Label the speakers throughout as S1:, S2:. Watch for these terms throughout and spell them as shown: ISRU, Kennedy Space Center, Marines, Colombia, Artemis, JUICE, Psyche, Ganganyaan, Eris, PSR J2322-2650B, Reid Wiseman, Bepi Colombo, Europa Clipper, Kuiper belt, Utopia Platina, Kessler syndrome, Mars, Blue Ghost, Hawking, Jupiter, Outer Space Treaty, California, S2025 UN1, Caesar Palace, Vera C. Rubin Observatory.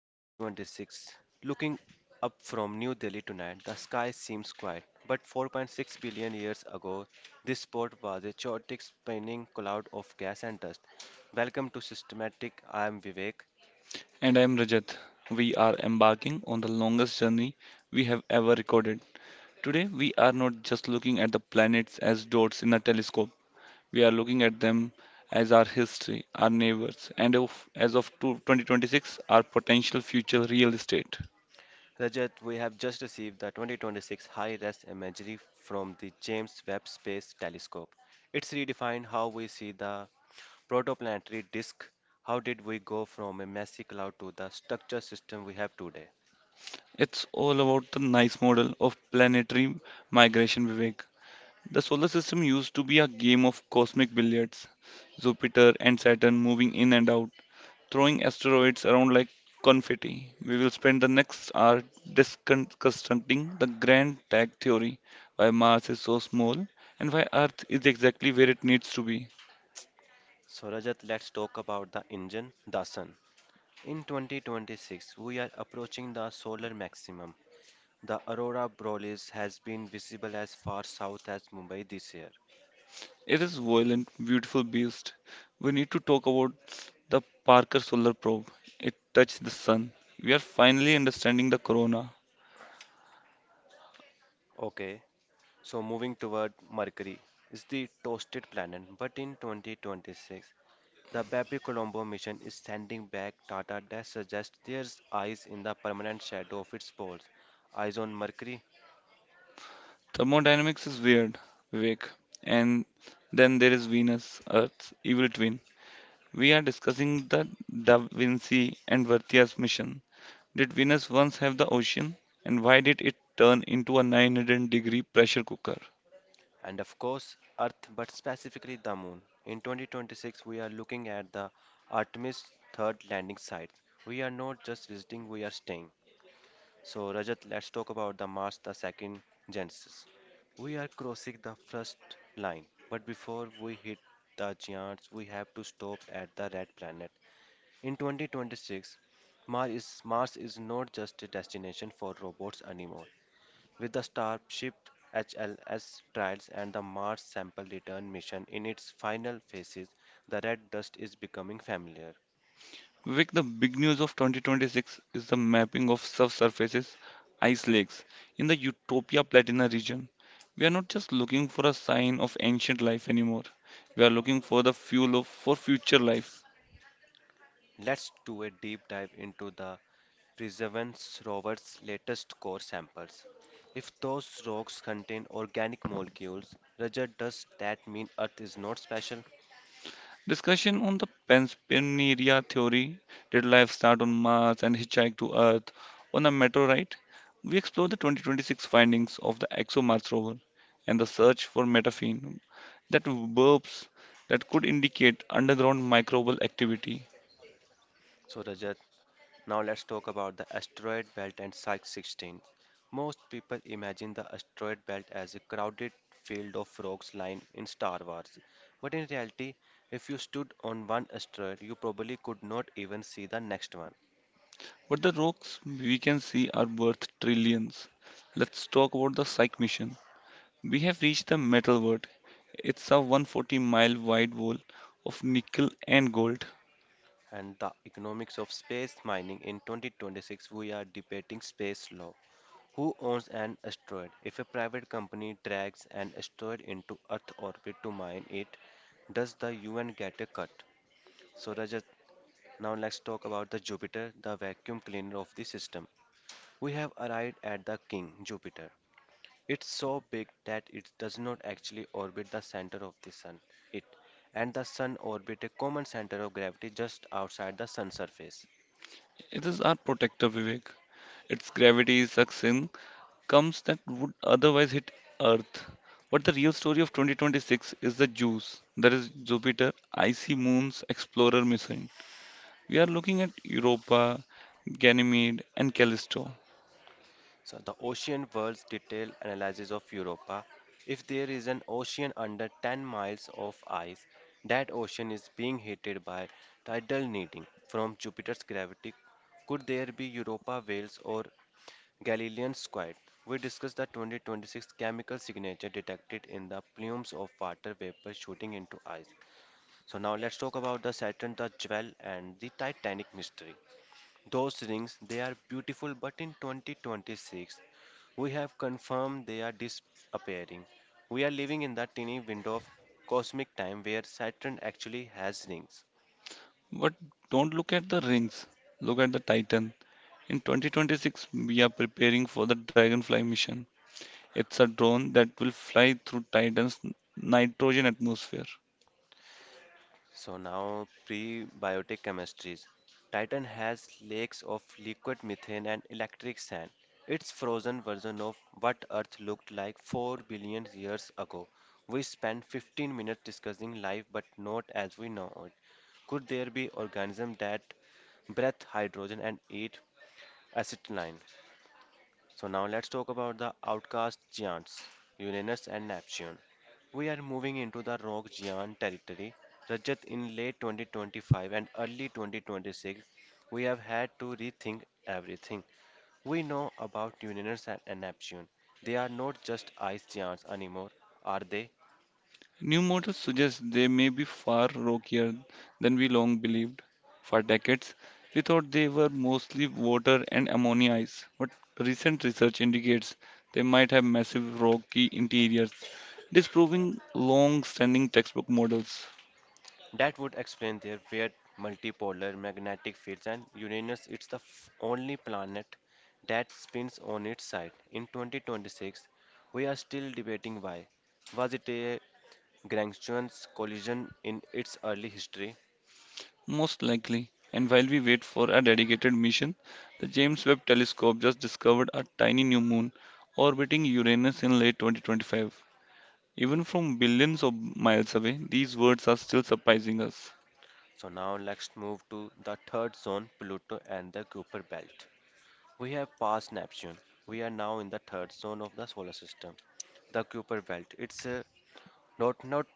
S1: 4, 2026. Looking up from New Delhi tonight, the sky seems quiet, but 4.6 billion years ago, this spot was a chaotic spinning cloud of gas and dust. Welcome to Systematic. I am Vivek.
S2: And I am Rajat. We are embarking on the longest journey we have ever recorded. Today, we are not just looking at the planets as dots in a telescope, we are looking at them as our history, our neighbors, and as of 2026, our potential future real estate.
S1: Rajat, we have just received the 2026 high res imagery from the James Webb Space Telescope. It's redefined how we see the protoplanetary disk. How did we go from a messy cloud to the structure system we have today?
S2: It's all about the nice model of planetary migration, Vivek. The solar system used to be a game of cosmic billiards, Jupiter and Saturn moving in and out throwing asteroids around like confetti. We will spend the next hour discussing the grand tag theory why Mars is so small and why Earth is exactly where it needs to be.
S1: So, Rajat, let's talk about the engine, the sun. In 2026, we are approaching the solar maximum. The aurora borealis has been visible as far south as Mumbai this year.
S2: It is violent, beautiful beast. We need to talk about the Parker Solar Probe. It touched the sun. We are finally understanding the corona.
S1: Okay, so moving toward Mercury is the toasted planet, but in 2026, the Bepi Colombo mission is sending back data that suggests there's ice in the permanent shadow of its poles. Eyes on Mercury
S2: Thermodynamics is weird, Vivek. And then there is Venus, Earth's evil twin. We are discussing the Da Vinci and Vertia's mission. Did Venus once have the ocean? And why did it turn into a 900-degree pressure cooker?
S1: and of course Earth, but specifically the Moon. In 2026, we are looking at the Artemis third landing site. We are not just visiting, we are staying. So, Rajat, let's talk about the Mars the second genesis. We are crossing the first line, but before we hit the giants, we have to stop at the red planet. In 2026, Mars is not just a destination for robots anymore. With the Starship HLS trials and the Mars sample return mission in its final phases, the red dust is becoming familiar.
S2: Vic, the big news of 2026 is the mapping of subsurfaces, ice lakes, in the Utopia Platina region. We are not just looking for a sign of ancient life anymore. We are looking for the fuel for future life.
S1: Let's do a deep dive into the Perseverance rover's latest core samples. If those rocks contain organic molecules, Rajat, does that mean Earth is not special?
S2: Discussion on the Panspermia theory did life start on Mars and hitchhike to Earth on a meteorite? We explore the 2026 findings of the ExoMars rover and the search for methane that burps that could indicate underground microbial activity.
S1: So, Rajat, now let's talk about the asteroid belt and Psyche 16. Most people imagine the asteroid belt as a crowded field of rocks lying in Star Wars. But in reality, if you stood on one asteroid, you probably could not even see the next one.
S2: But the rocks we can see are worth trillions. Let's talk about the Psyche mission. We have reached the metal world. It's a 140 mile wide wall of nickel and gold.
S1: And the economics of space mining in 2026, we are debating space law. Who owns an asteroid? If a private company drags an asteroid into Earth orbit to mine it, does the UN get a cut? So, Rajat, now let's talk about the Jupiter, the vacuum cleaner of the system. We have arrived at the king, Jupiter. It's so big that it does not actually orbit the center of the sun. It and the sun orbit a common center of gravity just outside the sun surface.
S2: It is our protector, Vivek. Its gravity sucks in comes that would otherwise hit Earth. But the real story of 2026 is the JUICE, that is Jupiter Icy Moons Explorer mission. We are looking at Europa, Ganymede, and Callisto.
S1: So the ocean world's detailed analysis of Europa. If there is an ocean under 10 miles of ice, that ocean is being heated by tidal heating from Jupiter's gravity. Could there be Europa whales or Galilean Squid. We discussed the 2026 chemical signature detected in the plumes of water vapor shooting into ice. So now let's talk about the Saturn the Jewel and the Titanic mystery. Those rings, they are beautiful, but in 2026, we have confirmed they are disappearing. We are living in the tiny window of cosmic time where Saturn actually has rings.
S2: But don't look at the rings, look at the Titan. In 2026, we are preparing for the Dragonfly mission. It's a drone that will fly through Titan's nitrogen atmosphere.
S1: So now prebiotic chemistries. Titan has lakes of liquid methane and electric sand. It's frozen version of what Earth looked like 4 billion years ago. We spent 15 minutes discussing life but not as we know it. Could there be organisms that breathe hydrogen and eat acetylene? So now let's talk about the outcast giants, Uranus and Neptune. We are moving into the rock giant territory. Rajat, in late 2025 and early 2026, we have had to rethink everything we know about Uranus and Neptune. They are not just ice giants anymore, are they?
S2: New models suggest they may be far rockier than we long believed. For decades, we thought they were mostly water and ammonia ice, but recent research indicates they might have massive rocky interiors, disproving long standing textbook models.
S1: That would explain their weird multipolar magnetic fields and Uranus it's the only planet that spins on its side. In 2026, we are still debating why. Was it a Lagrangian collision in its early history?
S2: Most likely. And while we wait for a dedicated mission, the James Webb Telescope just discovered a tiny new moon orbiting Uranus in late 2025. Even from billions of miles away, these words are still surprising us.
S1: So now let's move to the third zone, Pluto and the Kuiper belt. We have passed Neptune. We are now in the third zone of the solar system, the Kuiper belt. It's a Lot nut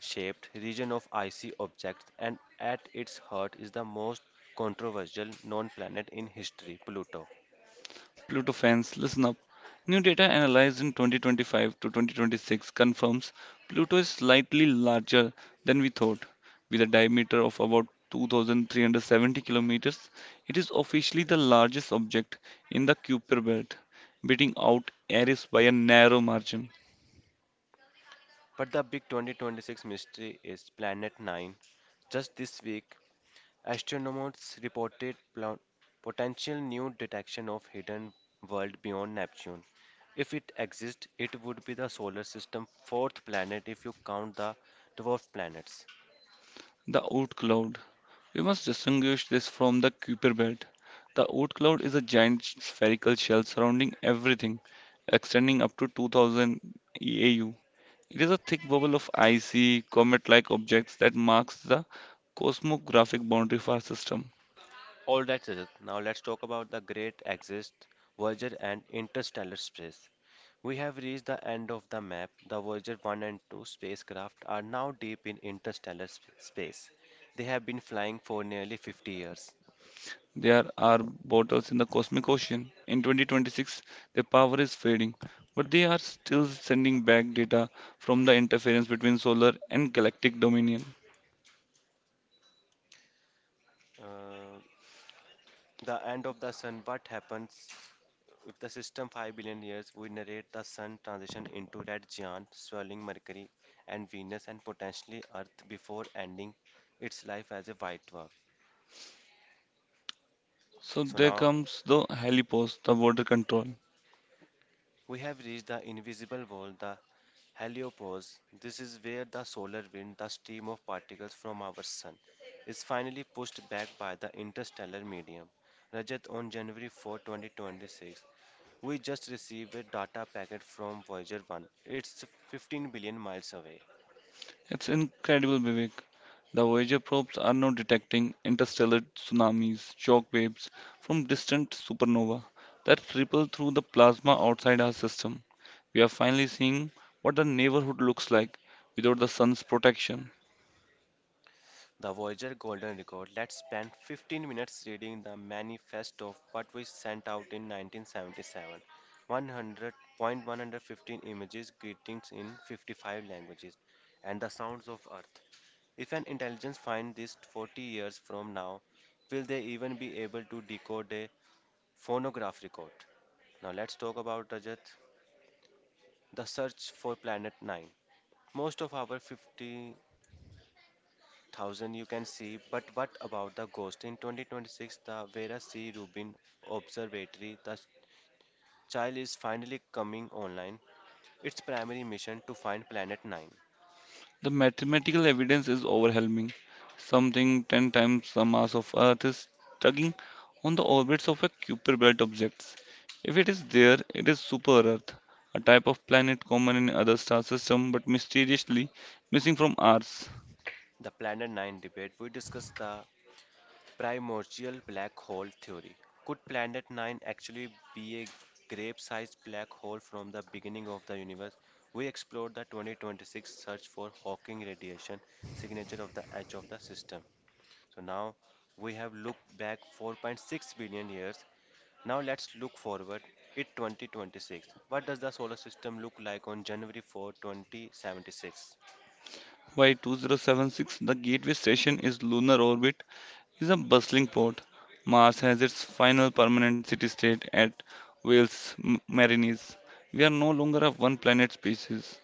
S1: shaped region of icy objects, and at its heart is the most controversial known planet in history, Pluto.
S2: Pluto fans, listen up. New data analyzed in 2025 to 2026 confirms Pluto is slightly larger than we thought. With a diameter of about 2370 kilometers, it is officially the largest object in the Kuiper belt, beating out Eris by a narrow margin.
S1: But the big 2026 mystery is Planet 9. Just this week, astronomers reported potential new detection of hidden world beyond Neptune. If it exists, it would be the solar system's fourth planet if you count the dwarf planets.
S2: The oort cloud. We must distinguish this from the Kuiper belt. The oort cloud is a giant spherical shell surrounding everything, extending up to 2000 eau. It is a thick bubble of icy, comet-like objects that marks the cosmographic boundary for our system.
S1: All right, Rajat. Now let's talk about the great exit, Voyager and interstellar space. We have reached the end of the map. The Voyager 1 and 2 spacecraft are now deep in space. They have been flying for nearly 50 years.
S2: There are bottles in the cosmic ocean. In 2026, their power is fading, but they are still sending back data from the interference between solar and galactic dominion.
S1: Uh, the end of the sun, what happens if the system 5 billion years? We narrate the sun transition into red giant, swirling Mercury and Venus, and potentially Earth before ending its life as a white dwarf.
S2: So
S1: So
S2: there
S1: now
S2: comes the heliport, the border control.
S1: we have reached the invisible world, the heliopause. This is where the solar wind, the stream of particles from our sun, is finally pushed back by the interstellar medium. Rajat, on January 4, 2026, we just received a data packet from Voyager 1. It's 15 billion miles away.
S2: It's incredible, Vivek. The Voyager probes are now detecting interstellar tsunamis, shock waves from distant supernova that ripple through the plasma outside our system. We are finally seeing what the neighborhood looks like without the sun's protection.
S1: The Voyager Golden Record, let's spend 15 minutes reading the manifesto of what we sent out in 1977. 100.115 images, greetings in 55 languages, and the sounds of Earth. If an intelligence finds this 40 years from now, will they even be able to decode a phonograph record? Now let's talk about Rajat, the search for planet 9. Most of our 50 thousand you can see, but what about the ghost? In 2026, the Vera C. Rubin Observatory, the child is finally coming online. Its primary mission to find Planet 9.
S2: The mathematical evidence is overwhelming. Something 10 times the mass of Earth is tugging on the orbits of a Kuiper belt objects. If it is there, it is super Earth, a type of planet common in other star systems but mysteriously missing from ours.
S1: The Planet 9 debate, we discussed the primordial black hole theory. Could Planet 9 actually be a grape-sized black hole from the beginning of the universe? We explored the 2026 search for Hawking radiation signature of the edge of the system. So now we have looked back 4.6 billion years. Now let's look forward it 2026. What does the solar system look like on January 4, 2076?
S2: Y 2076, the Gateway Station is lunar orbit is a bustling port. Mars has its final permanent city state at Wales Marines. We are no longer a one planet species.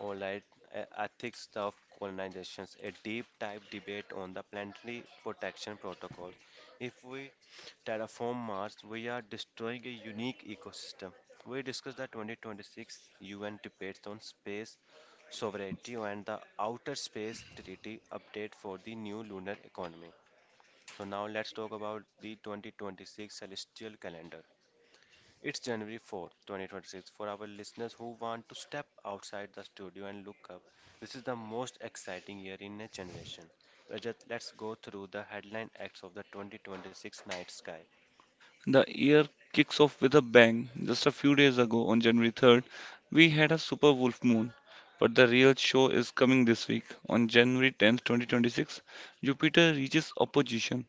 S1: All right, ethics of colonizations, a deep dive debate on the planetary protection protocol. If we terraform Mars, we are destroying a unique ecosystem. We discuss the 2026 UN debates on space sovereignty and the Outer Space Treaty update for the new lunar economy. So now let's talk about the 2026 celestial calendar. It's January 4th, 2026. For our listeners who want to step outside the studio and look up, this is the most exciting year in a generation. Rajat, let's go through the headline acts of the 2026 night sky.
S2: The year kicks off with a bang. Just a few days ago, on January 3rd, we had a super wolf moon. But the real show is coming this week. On January 10th, 2026, Jupiter reaches opposition.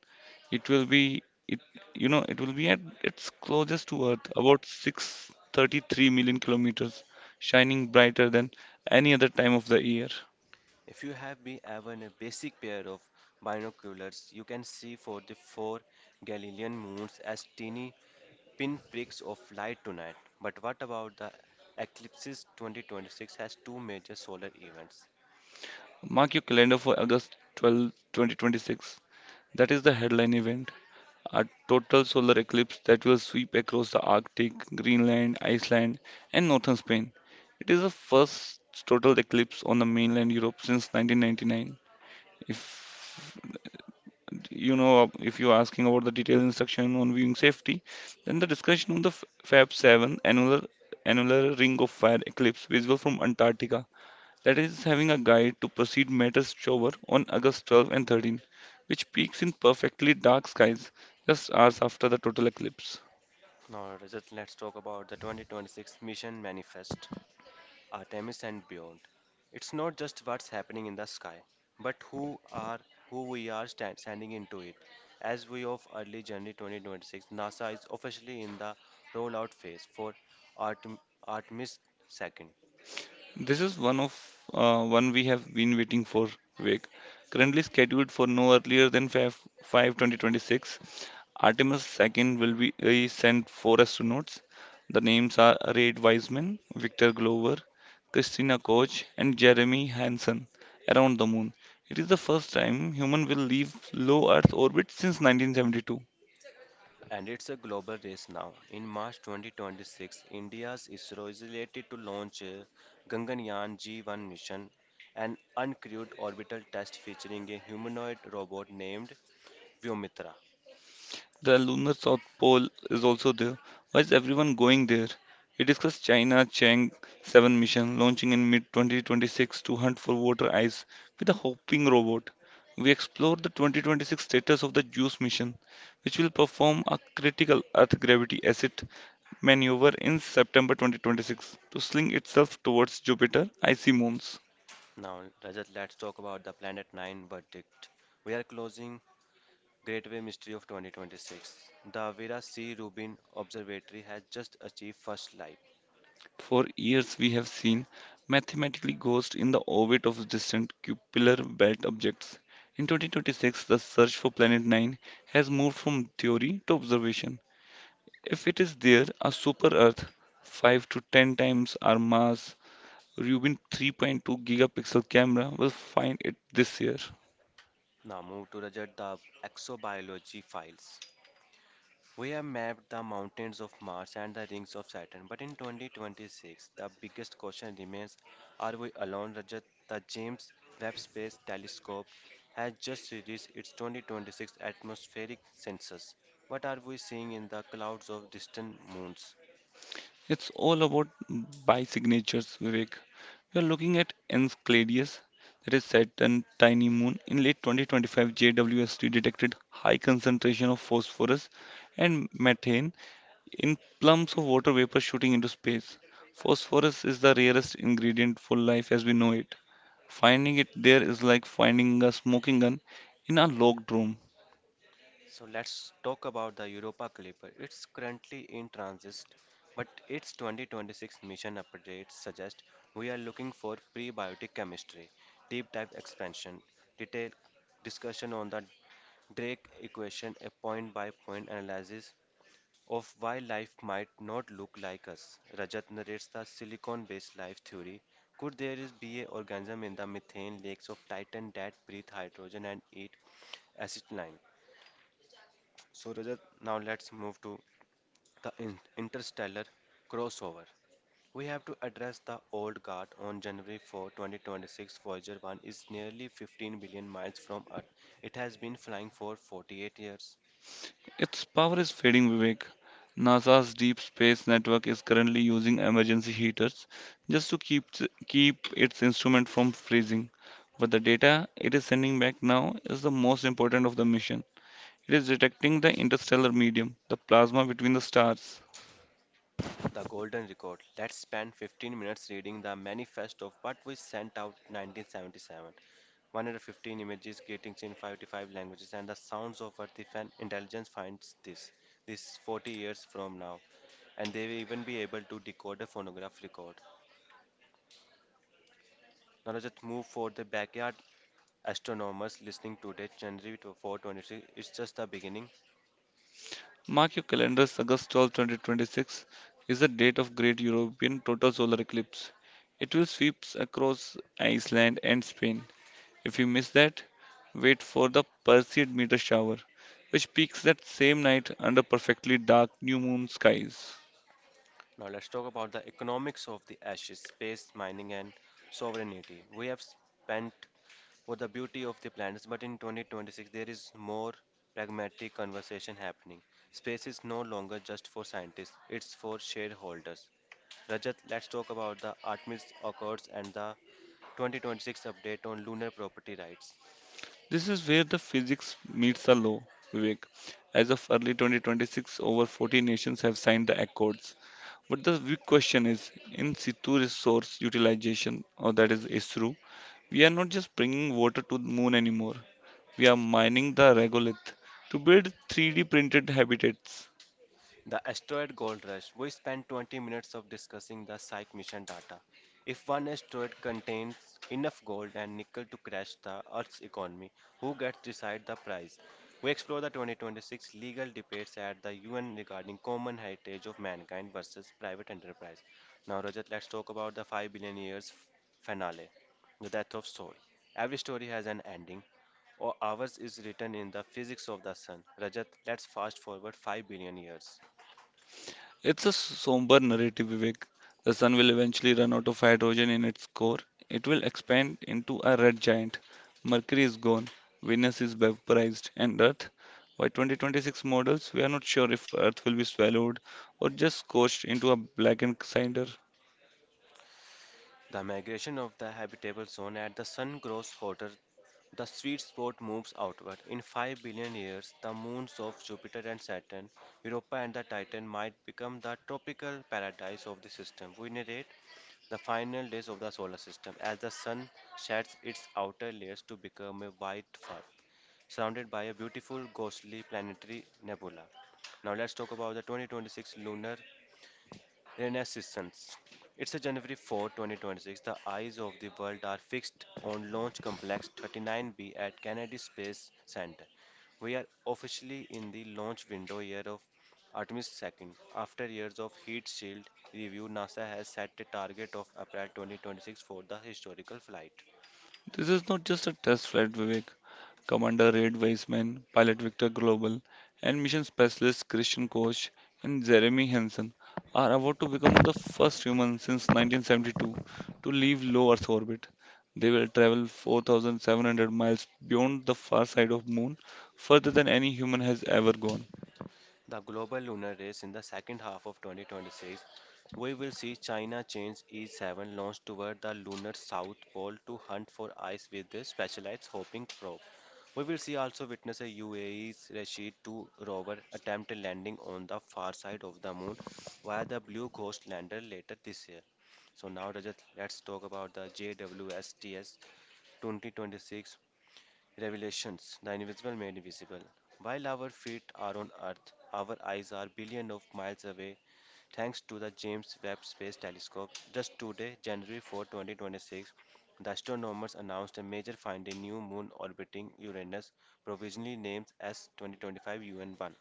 S2: It will be it at its closest to Earth, about 633 million kilometers, shining brighter than any other time of the year.
S1: If you have been ever in a basic pair of binoculars, you can see for the four Galilean moons as teeny pinpricks of light tonight. But what about the eclipses? 2026 has two major solar events.
S2: Mark your calendar for August 12, 2026. That is the headline event. A total solar eclipse that will sweep across the Arctic, Greenland, Iceland, and northern Spain. It is the first total eclipse on the mainland Europe since 1999. If if you're asking about the detailed instruction on viewing safety, then the discussion on the Fab 7 annular ring of fire eclipse visible from Antarctica that is having a guide to proceed matters shower on August 12 and 13, which peaks in perfectly dark skies just hours after the total eclipse.
S1: Now, Rajat, let's talk about the 2026 Mission Manifest, Artemis and beyond. It's not just what's happening in the sky, but who we are standing into it. As we of early January 2026, NASA is officially in the rollout phase for Artem, Artemis 2.
S2: This is one we have been waiting for, Vivek. Currently scheduled for no earlier than 5, 2026. Artemis II will be sent four astronauts. The names are Reid Wiseman, Victor Glover, Christina Koch, and Jeremy Hansen around the moon. It is the first time human will leave low Earth orbit since 1972.
S1: And it's a global race now. In March 2026, India's ISRO is slated to launch Ganganyaan G1 mission, an uncrewed orbital test featuring a humanoid robot named Vyomitra.
S2: The lunar South Pole is also there. Why is everyone going there? We discussed China Chang 7 mission launching in mid 2026 to hunt for water ice with a hopping robot. We explored the 2026 status of the JUICE mission, which will perform a critical Earth gravity asset maneuver in September 2026 to sling itself towards Jupiter icy moons.
S1: Now, Rajat, let's talk about the Planet 9 verdict. We are closing Gateway Mystery of 2026. The Vera C. Rubin Observatory has just achieved first light.
S2: For years, we have seen mathematically ghosts in the orbit of distant cupular belt objects. In 2026, the search for Planet 9 has moved from theory to observation. If it is there, a super Earth, 5 to 10 times our mass, Rubin 3.2 gigapixel camera will find it this year.
S1: Now, move to Rajat the exobiology files. We have mapped the mountains of Mars and the rings of Saturn, but in 2026, the biggest question remains are we alone, Rajat? The James Webb Space Telescope has just released its 2026 atmospheric census. What are we seeing in the clouds of distant moons?
S2: It's all about by signatures, Vivek. We are looking at Enceladus, that is Saturn's tiny moon. In late 2025, JWST detected high concentration of phosphorus and methane in plumes of water vapor shooting into space. Phosphorus is the rarest ingredient for life as we know it. Finding it there is like finding a smoking gun in a locked room.
S1: So let's talk about the Europa Clipper. It's currently in transit, but its 2026 mission updates suggest we are looking for prebiotic chemistry, deep dive expansion, detailed discussion on the Drake equation, a point by point analysis of why life might not look like us. Rajat narrates the silicon based life theory. Could there is be an organism in the methane lakes of Titan that breathe hydrogen and eat acetylene? So, Rajat, now let's move to the interstellar crossover. We have to address the old guard on January 4, 2026. Voyager 1 is nearly 15 billion miles from Earth. It has been flying for 48 years.
S2: Its power is fading, Vivek. NASA's Deep Space Network is currently using emergency heaters just to keep its instrument from freezing. But the data it is sending back now is the most important of the mission. It is detecting the interstellar medium, the plasma between the stars.
S1: The golden record. Let's spend 15 minutes reading the manifest of what we sent out 1977. 115 images, greetings in 55 languages, and the sounds of Earth if an intelligence finds this. This 40 years from now. And they will even be able to decode a phonograph record. Now let's just move for the backyard astronomers listening today, January 426. It's just the beginning.
S2: Mark your calendars, August 12, 2026 is the date of Great European Total Solar Eclipse. It will sweep across Iceland and Spain. If you miss that, wait for the Perseid meteor shower, which peaks that same night under perfectly dark new moon skies.
S1: Now let's talk about the economics of the ashes, space mining, and sovereignty. We have spent for the beauty of the planets, but in 2026 there is more pragmatic conversation happening. Space is no longer just for scientists; it's for shareholders. Rajat, let's talk about the Artemis Accords and the 2026 update on lunar property rights.
S2: This is where the physics meets the law, Vivek. As of early 2026, over 40 nations have signed the accords. But the big question is in situ resource utilization, or that is ISRU, we are not just bringing water to the moon anymore. We are mining the regolith to build 3D printed habitats.
S1: The asteroid gold rush. We spent 20 minutes of discussing the Psyche mission data. If one asteroid contains enough gold and nickel to crash the Earth's economy, who gets to decide the price? We explore the 2026 legal debates at the UN regarding common heritage of mankind versus private enterprise. Now, Rajat, let's talk about the 5 billion years finale, the death of soul. Every story has an ending, or ours is written in the physics of the sun. Rajat, let's fast forward 5 billion years.
S2: It's a somber narrative, Vivek. The sun will eventually run out of hydrogen in its core. It will expand into a red giant. Mercury is gone, Venus is vaporized, and Earth. By 2026 models, we are not sure if Earth will be swallowed or just scorched into a blackened cinder.
S1: The migration of the habitable zone: as the sun grows hotter, the sweet spot moves outward. In 5 billion years, the moons of Jupiter and Saturn, Europa and the Titan, might become the tropical paradise of the system. We narrate the final days of the solar system as the sun sheds its outer layers to become a white fur surrounded by a beautiful, ghostly planetary nebula. Now, let's talk about the 2026 lunar renaissance. It's a January 4, 2026. The eyes of the world are fixed on Launch Complex 39B at Kennedy Space Center. We are officially in the launch window year of Artemis II. After years of heat shield review, NASA has set a target of April 2026 for the historical flight.
S2: This is not just a test flight, Vivek. Commander Reid Weissman, pilot Victor Global, and mission specialist Christian Koch and Jeremy Hansen are about to become the first humans since 1972 to leave low Earth orbit. They will travel 4,700 miles beyond the far side of Moon, further than any human has ever gone.
S1: The global lunar race in the second half of 2026, we will see China change E7 launch toward the lunar south pole to hunt for ice with a specialized hopping probe. We will see also witness a UAE's Rashid 2 rover attempt a landing on the far side of the moon via the Blue Ghost lander later this year. So now Rajat, let's talk about the JWSTS 2026 Revelations, the invisible made visible. While our feet are on Earth, our eyes are billions of miles away thanks to the James Webb Space Telescope. Just today, January 4, 2026, the astronomers announced a major find: a new moon orbiting Uranus, provisionally named S2025 UN1.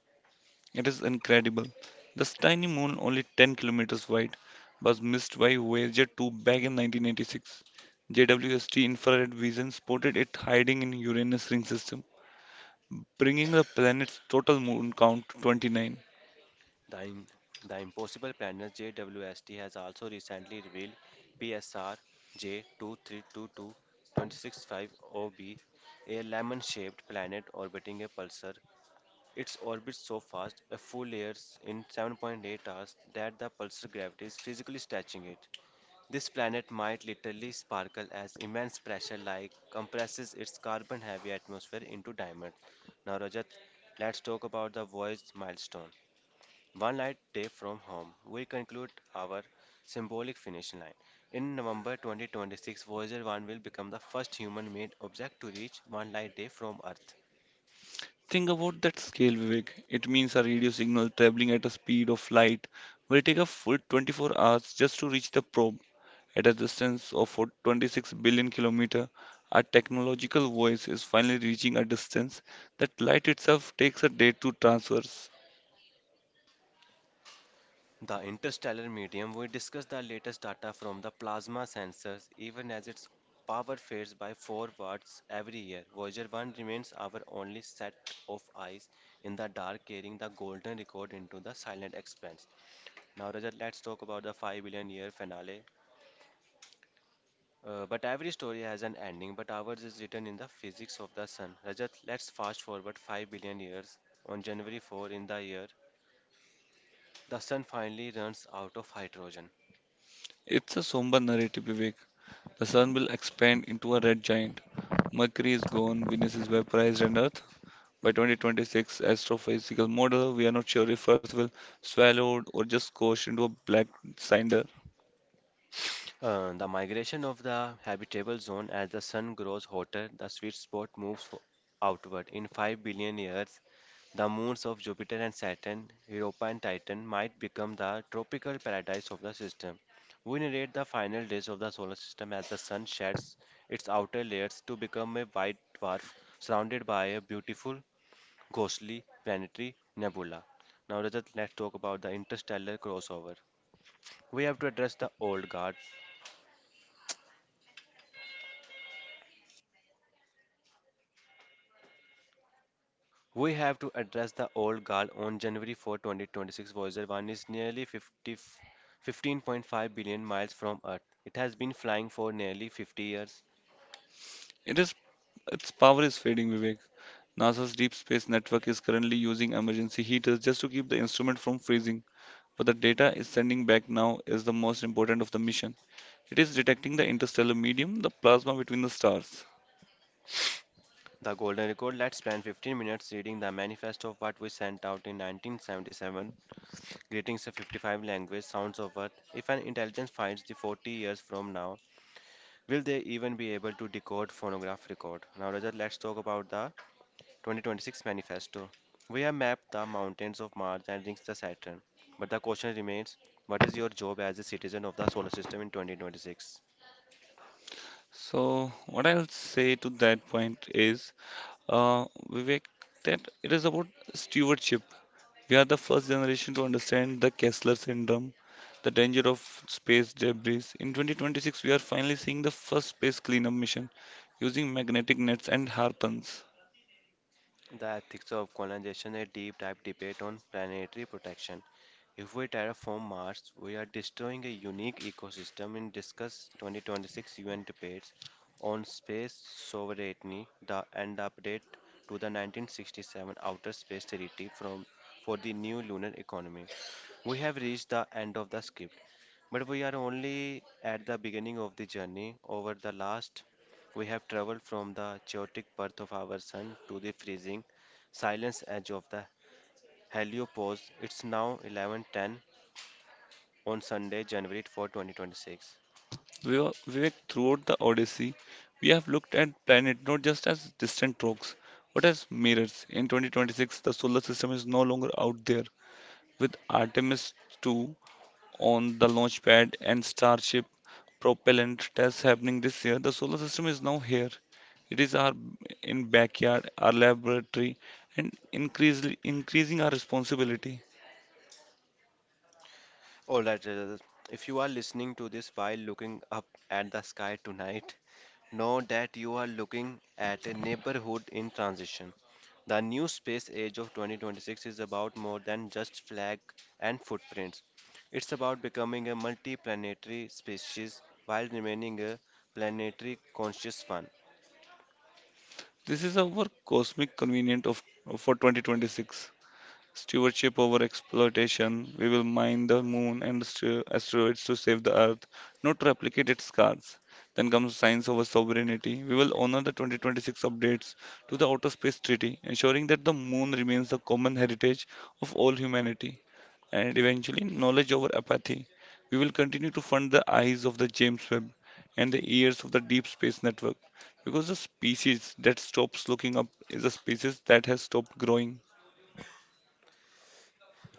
S2: It is incredible. This tiny moon, only 10 kilometers wide, was missed by Voyager 2 back in 1986. JWST infrared vision spotted it hiding in Uranus ring system, bringing the planet's total moon count to 29.
S1: The, in, the Impossible Planet JWST has also recently revealed PSR J2322-265OB, lemon-shaped planet orbiting a pulsar. Its orbit so fast, a full year in 7.8 hours, that the pulsar gravity is physically stretching it. This planet might literally sparkle as immense pressure like compresses its carbon-heavy atmosphere into diamonds. Now, Rajat, let's talk about the voyage milestone. One light day from home, we conclude our symbolic finish line. In November 2026, Voyager 1 will become the first human made object to reach one light day from Earth.
S2: Think about that scale, Vivek. It means a radio signal traveling at a speed of light will take a full 24 hours just to reach the probe. At a distance of 26 billion kilometers, our technological voice is finally reaching a distance that light itself takes a day to traverse.
S1: The interstellar medium, we discuss the latest data from the plasma sensors, even as its power fades by 4 watts every year. Voyager 1 remains our only set of eyes in the dark, carrying the golden record into the silent expanse. Now, Rajat, let's talk about the 5 billion year finale. But every story has an ending, but ours is written in the physics of the sun. Rajat, let's fast forward 5 billion years. On January 4 in the year, the sun finally runs out of hydrogen.
S2: It's a somber narrative, Vivek. The sun will expand into a red giant. Mercury is gone, Venus is vaporized, and Earth. By 2026 astrophysical model, we are not sure if Earth will swallowed or just squashed into a black cinder.
S1: The migration of the habitable zone: as the sun grows hotter, the sweet spot moves outward. In 5 billion years, the moons of Jupiter and Saturn, Europa and Titan, might become the tropical paradise of the system. We narrate the final days of the solar system as the sun sheds its outer layers to become a white dwarf surrounded by a beautiful, ghostly planetary nebula. Now, Rajat, let's talk about the interstellar crossover. We have to address the old guard We have to address the old guard on January 4, 2026. Voyager 1 is nearly 15.5 billion miles from Earth. It has been flying for nearly 50 years.
S2: It is its power is fading, Vivek. NASA's Deep Space Network is currently using emergency heaters just to keep the instrument from freezing. But the data it's sending back now is the most important of the mission. It is detecting the interstellar medium, the plasma between the stars.
S1: The golden record. Let's spend 15 minutes reading the manifesto of what we sent out in 1977. Greetings of 55 language sounds of Earth. If an intelligence finds the 40 years from now, will they even be able to decode phonograph record? Now, Rajat, let's talk about the 2026 Manifesto. We have mapped the mountains of Mars and rings of Saturn, but the question remains: what is your job as a citizen of the solar system in 2026?
S2: So, what I'll say to that point is Vivek, that it is about stewardship. We are the first generation to understand the Kessler syndrome, the danger of space debris. In 2026, we are finally seeing the first space cleanup mission using magnetic nets and harpoons.
S1: The ethics of colonization, a deep dive debate on planetary protection. If we terraform Mars, we are destroying a unique ecosystem in discuss 2026 UN debates on space sovereignty and the update to the 1967 Outer Space Treaty for the new lunar economy. We have reached the end of the script, but we are only at the beginning of the journey. Over the last, we have traveled from the chaotic birth of our sun to the freezing silence edge of the heliopause. It's now 11:10 on Sunday, January 4, 2026.
S2: Vivek, throughout the Odyssey, we have looked at planet not just as distant rocks, but as mirrors. In 2026, the solar system is no longer out there. With Artemis II on the launch pad and Starship propellant test happening this year. The solar system is now here. It is our in backyard, our laboratory, and increasingly increasing our responsibility.
S1: All right, Rajat, if you are listening to this while looking up at the sky tonight, know that you are looking at a neighborhood in transition. The new space age of 2026 is about more than just flag and footprints. It's about becoming a multi-planetary species while remaining a planetary conscious one.
S2: This is our cosmic convenient of for 2026. Stewardship over exploitation. We will mine the moon and asteroids to save the Earth, not to replicate its scars. Then comes science over sovereignty. We will honor the 2026 updates to the Outer Space Treaty, ensuring that the moon remains the common heritage of all humanity. And eventually, knowledge over apathy. We will continue to fund the eyes of the James Webb and the ears of the Deep Space Network because the species that stops looking up is a species that has stopped growing.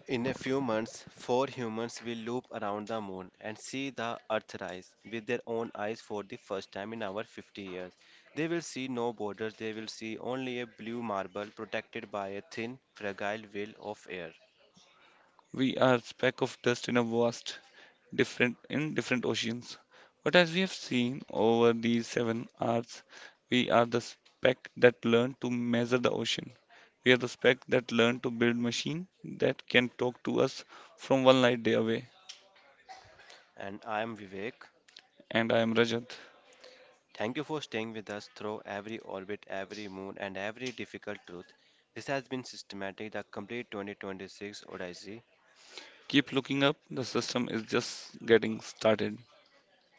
S1: In a few months, four humans will loop around the moon and see the Earth rise with their own eyes for the first time in our 50 years. They will see no borders, they will see only a blue marble protected by a thin, fragile veil of air.
S2: We are speck of dust in a vast, different in different oceans. But as we have seen over these 7 hours, we are the speck that learned to measure the ocean. We are the speck that learned to build machine that can talk to us from one light day away.
S1: And I am Vivek.
S2: And I am Rajat.
S1: Thank you for staying with us through every orbit, every moon, and every difficult truth. This has been Systematic, the complete 2026 Odyssey.
S2: Keep looking up. The system is just getting started.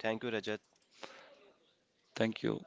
S1: Thank you, Rajat.
S2: Thank you.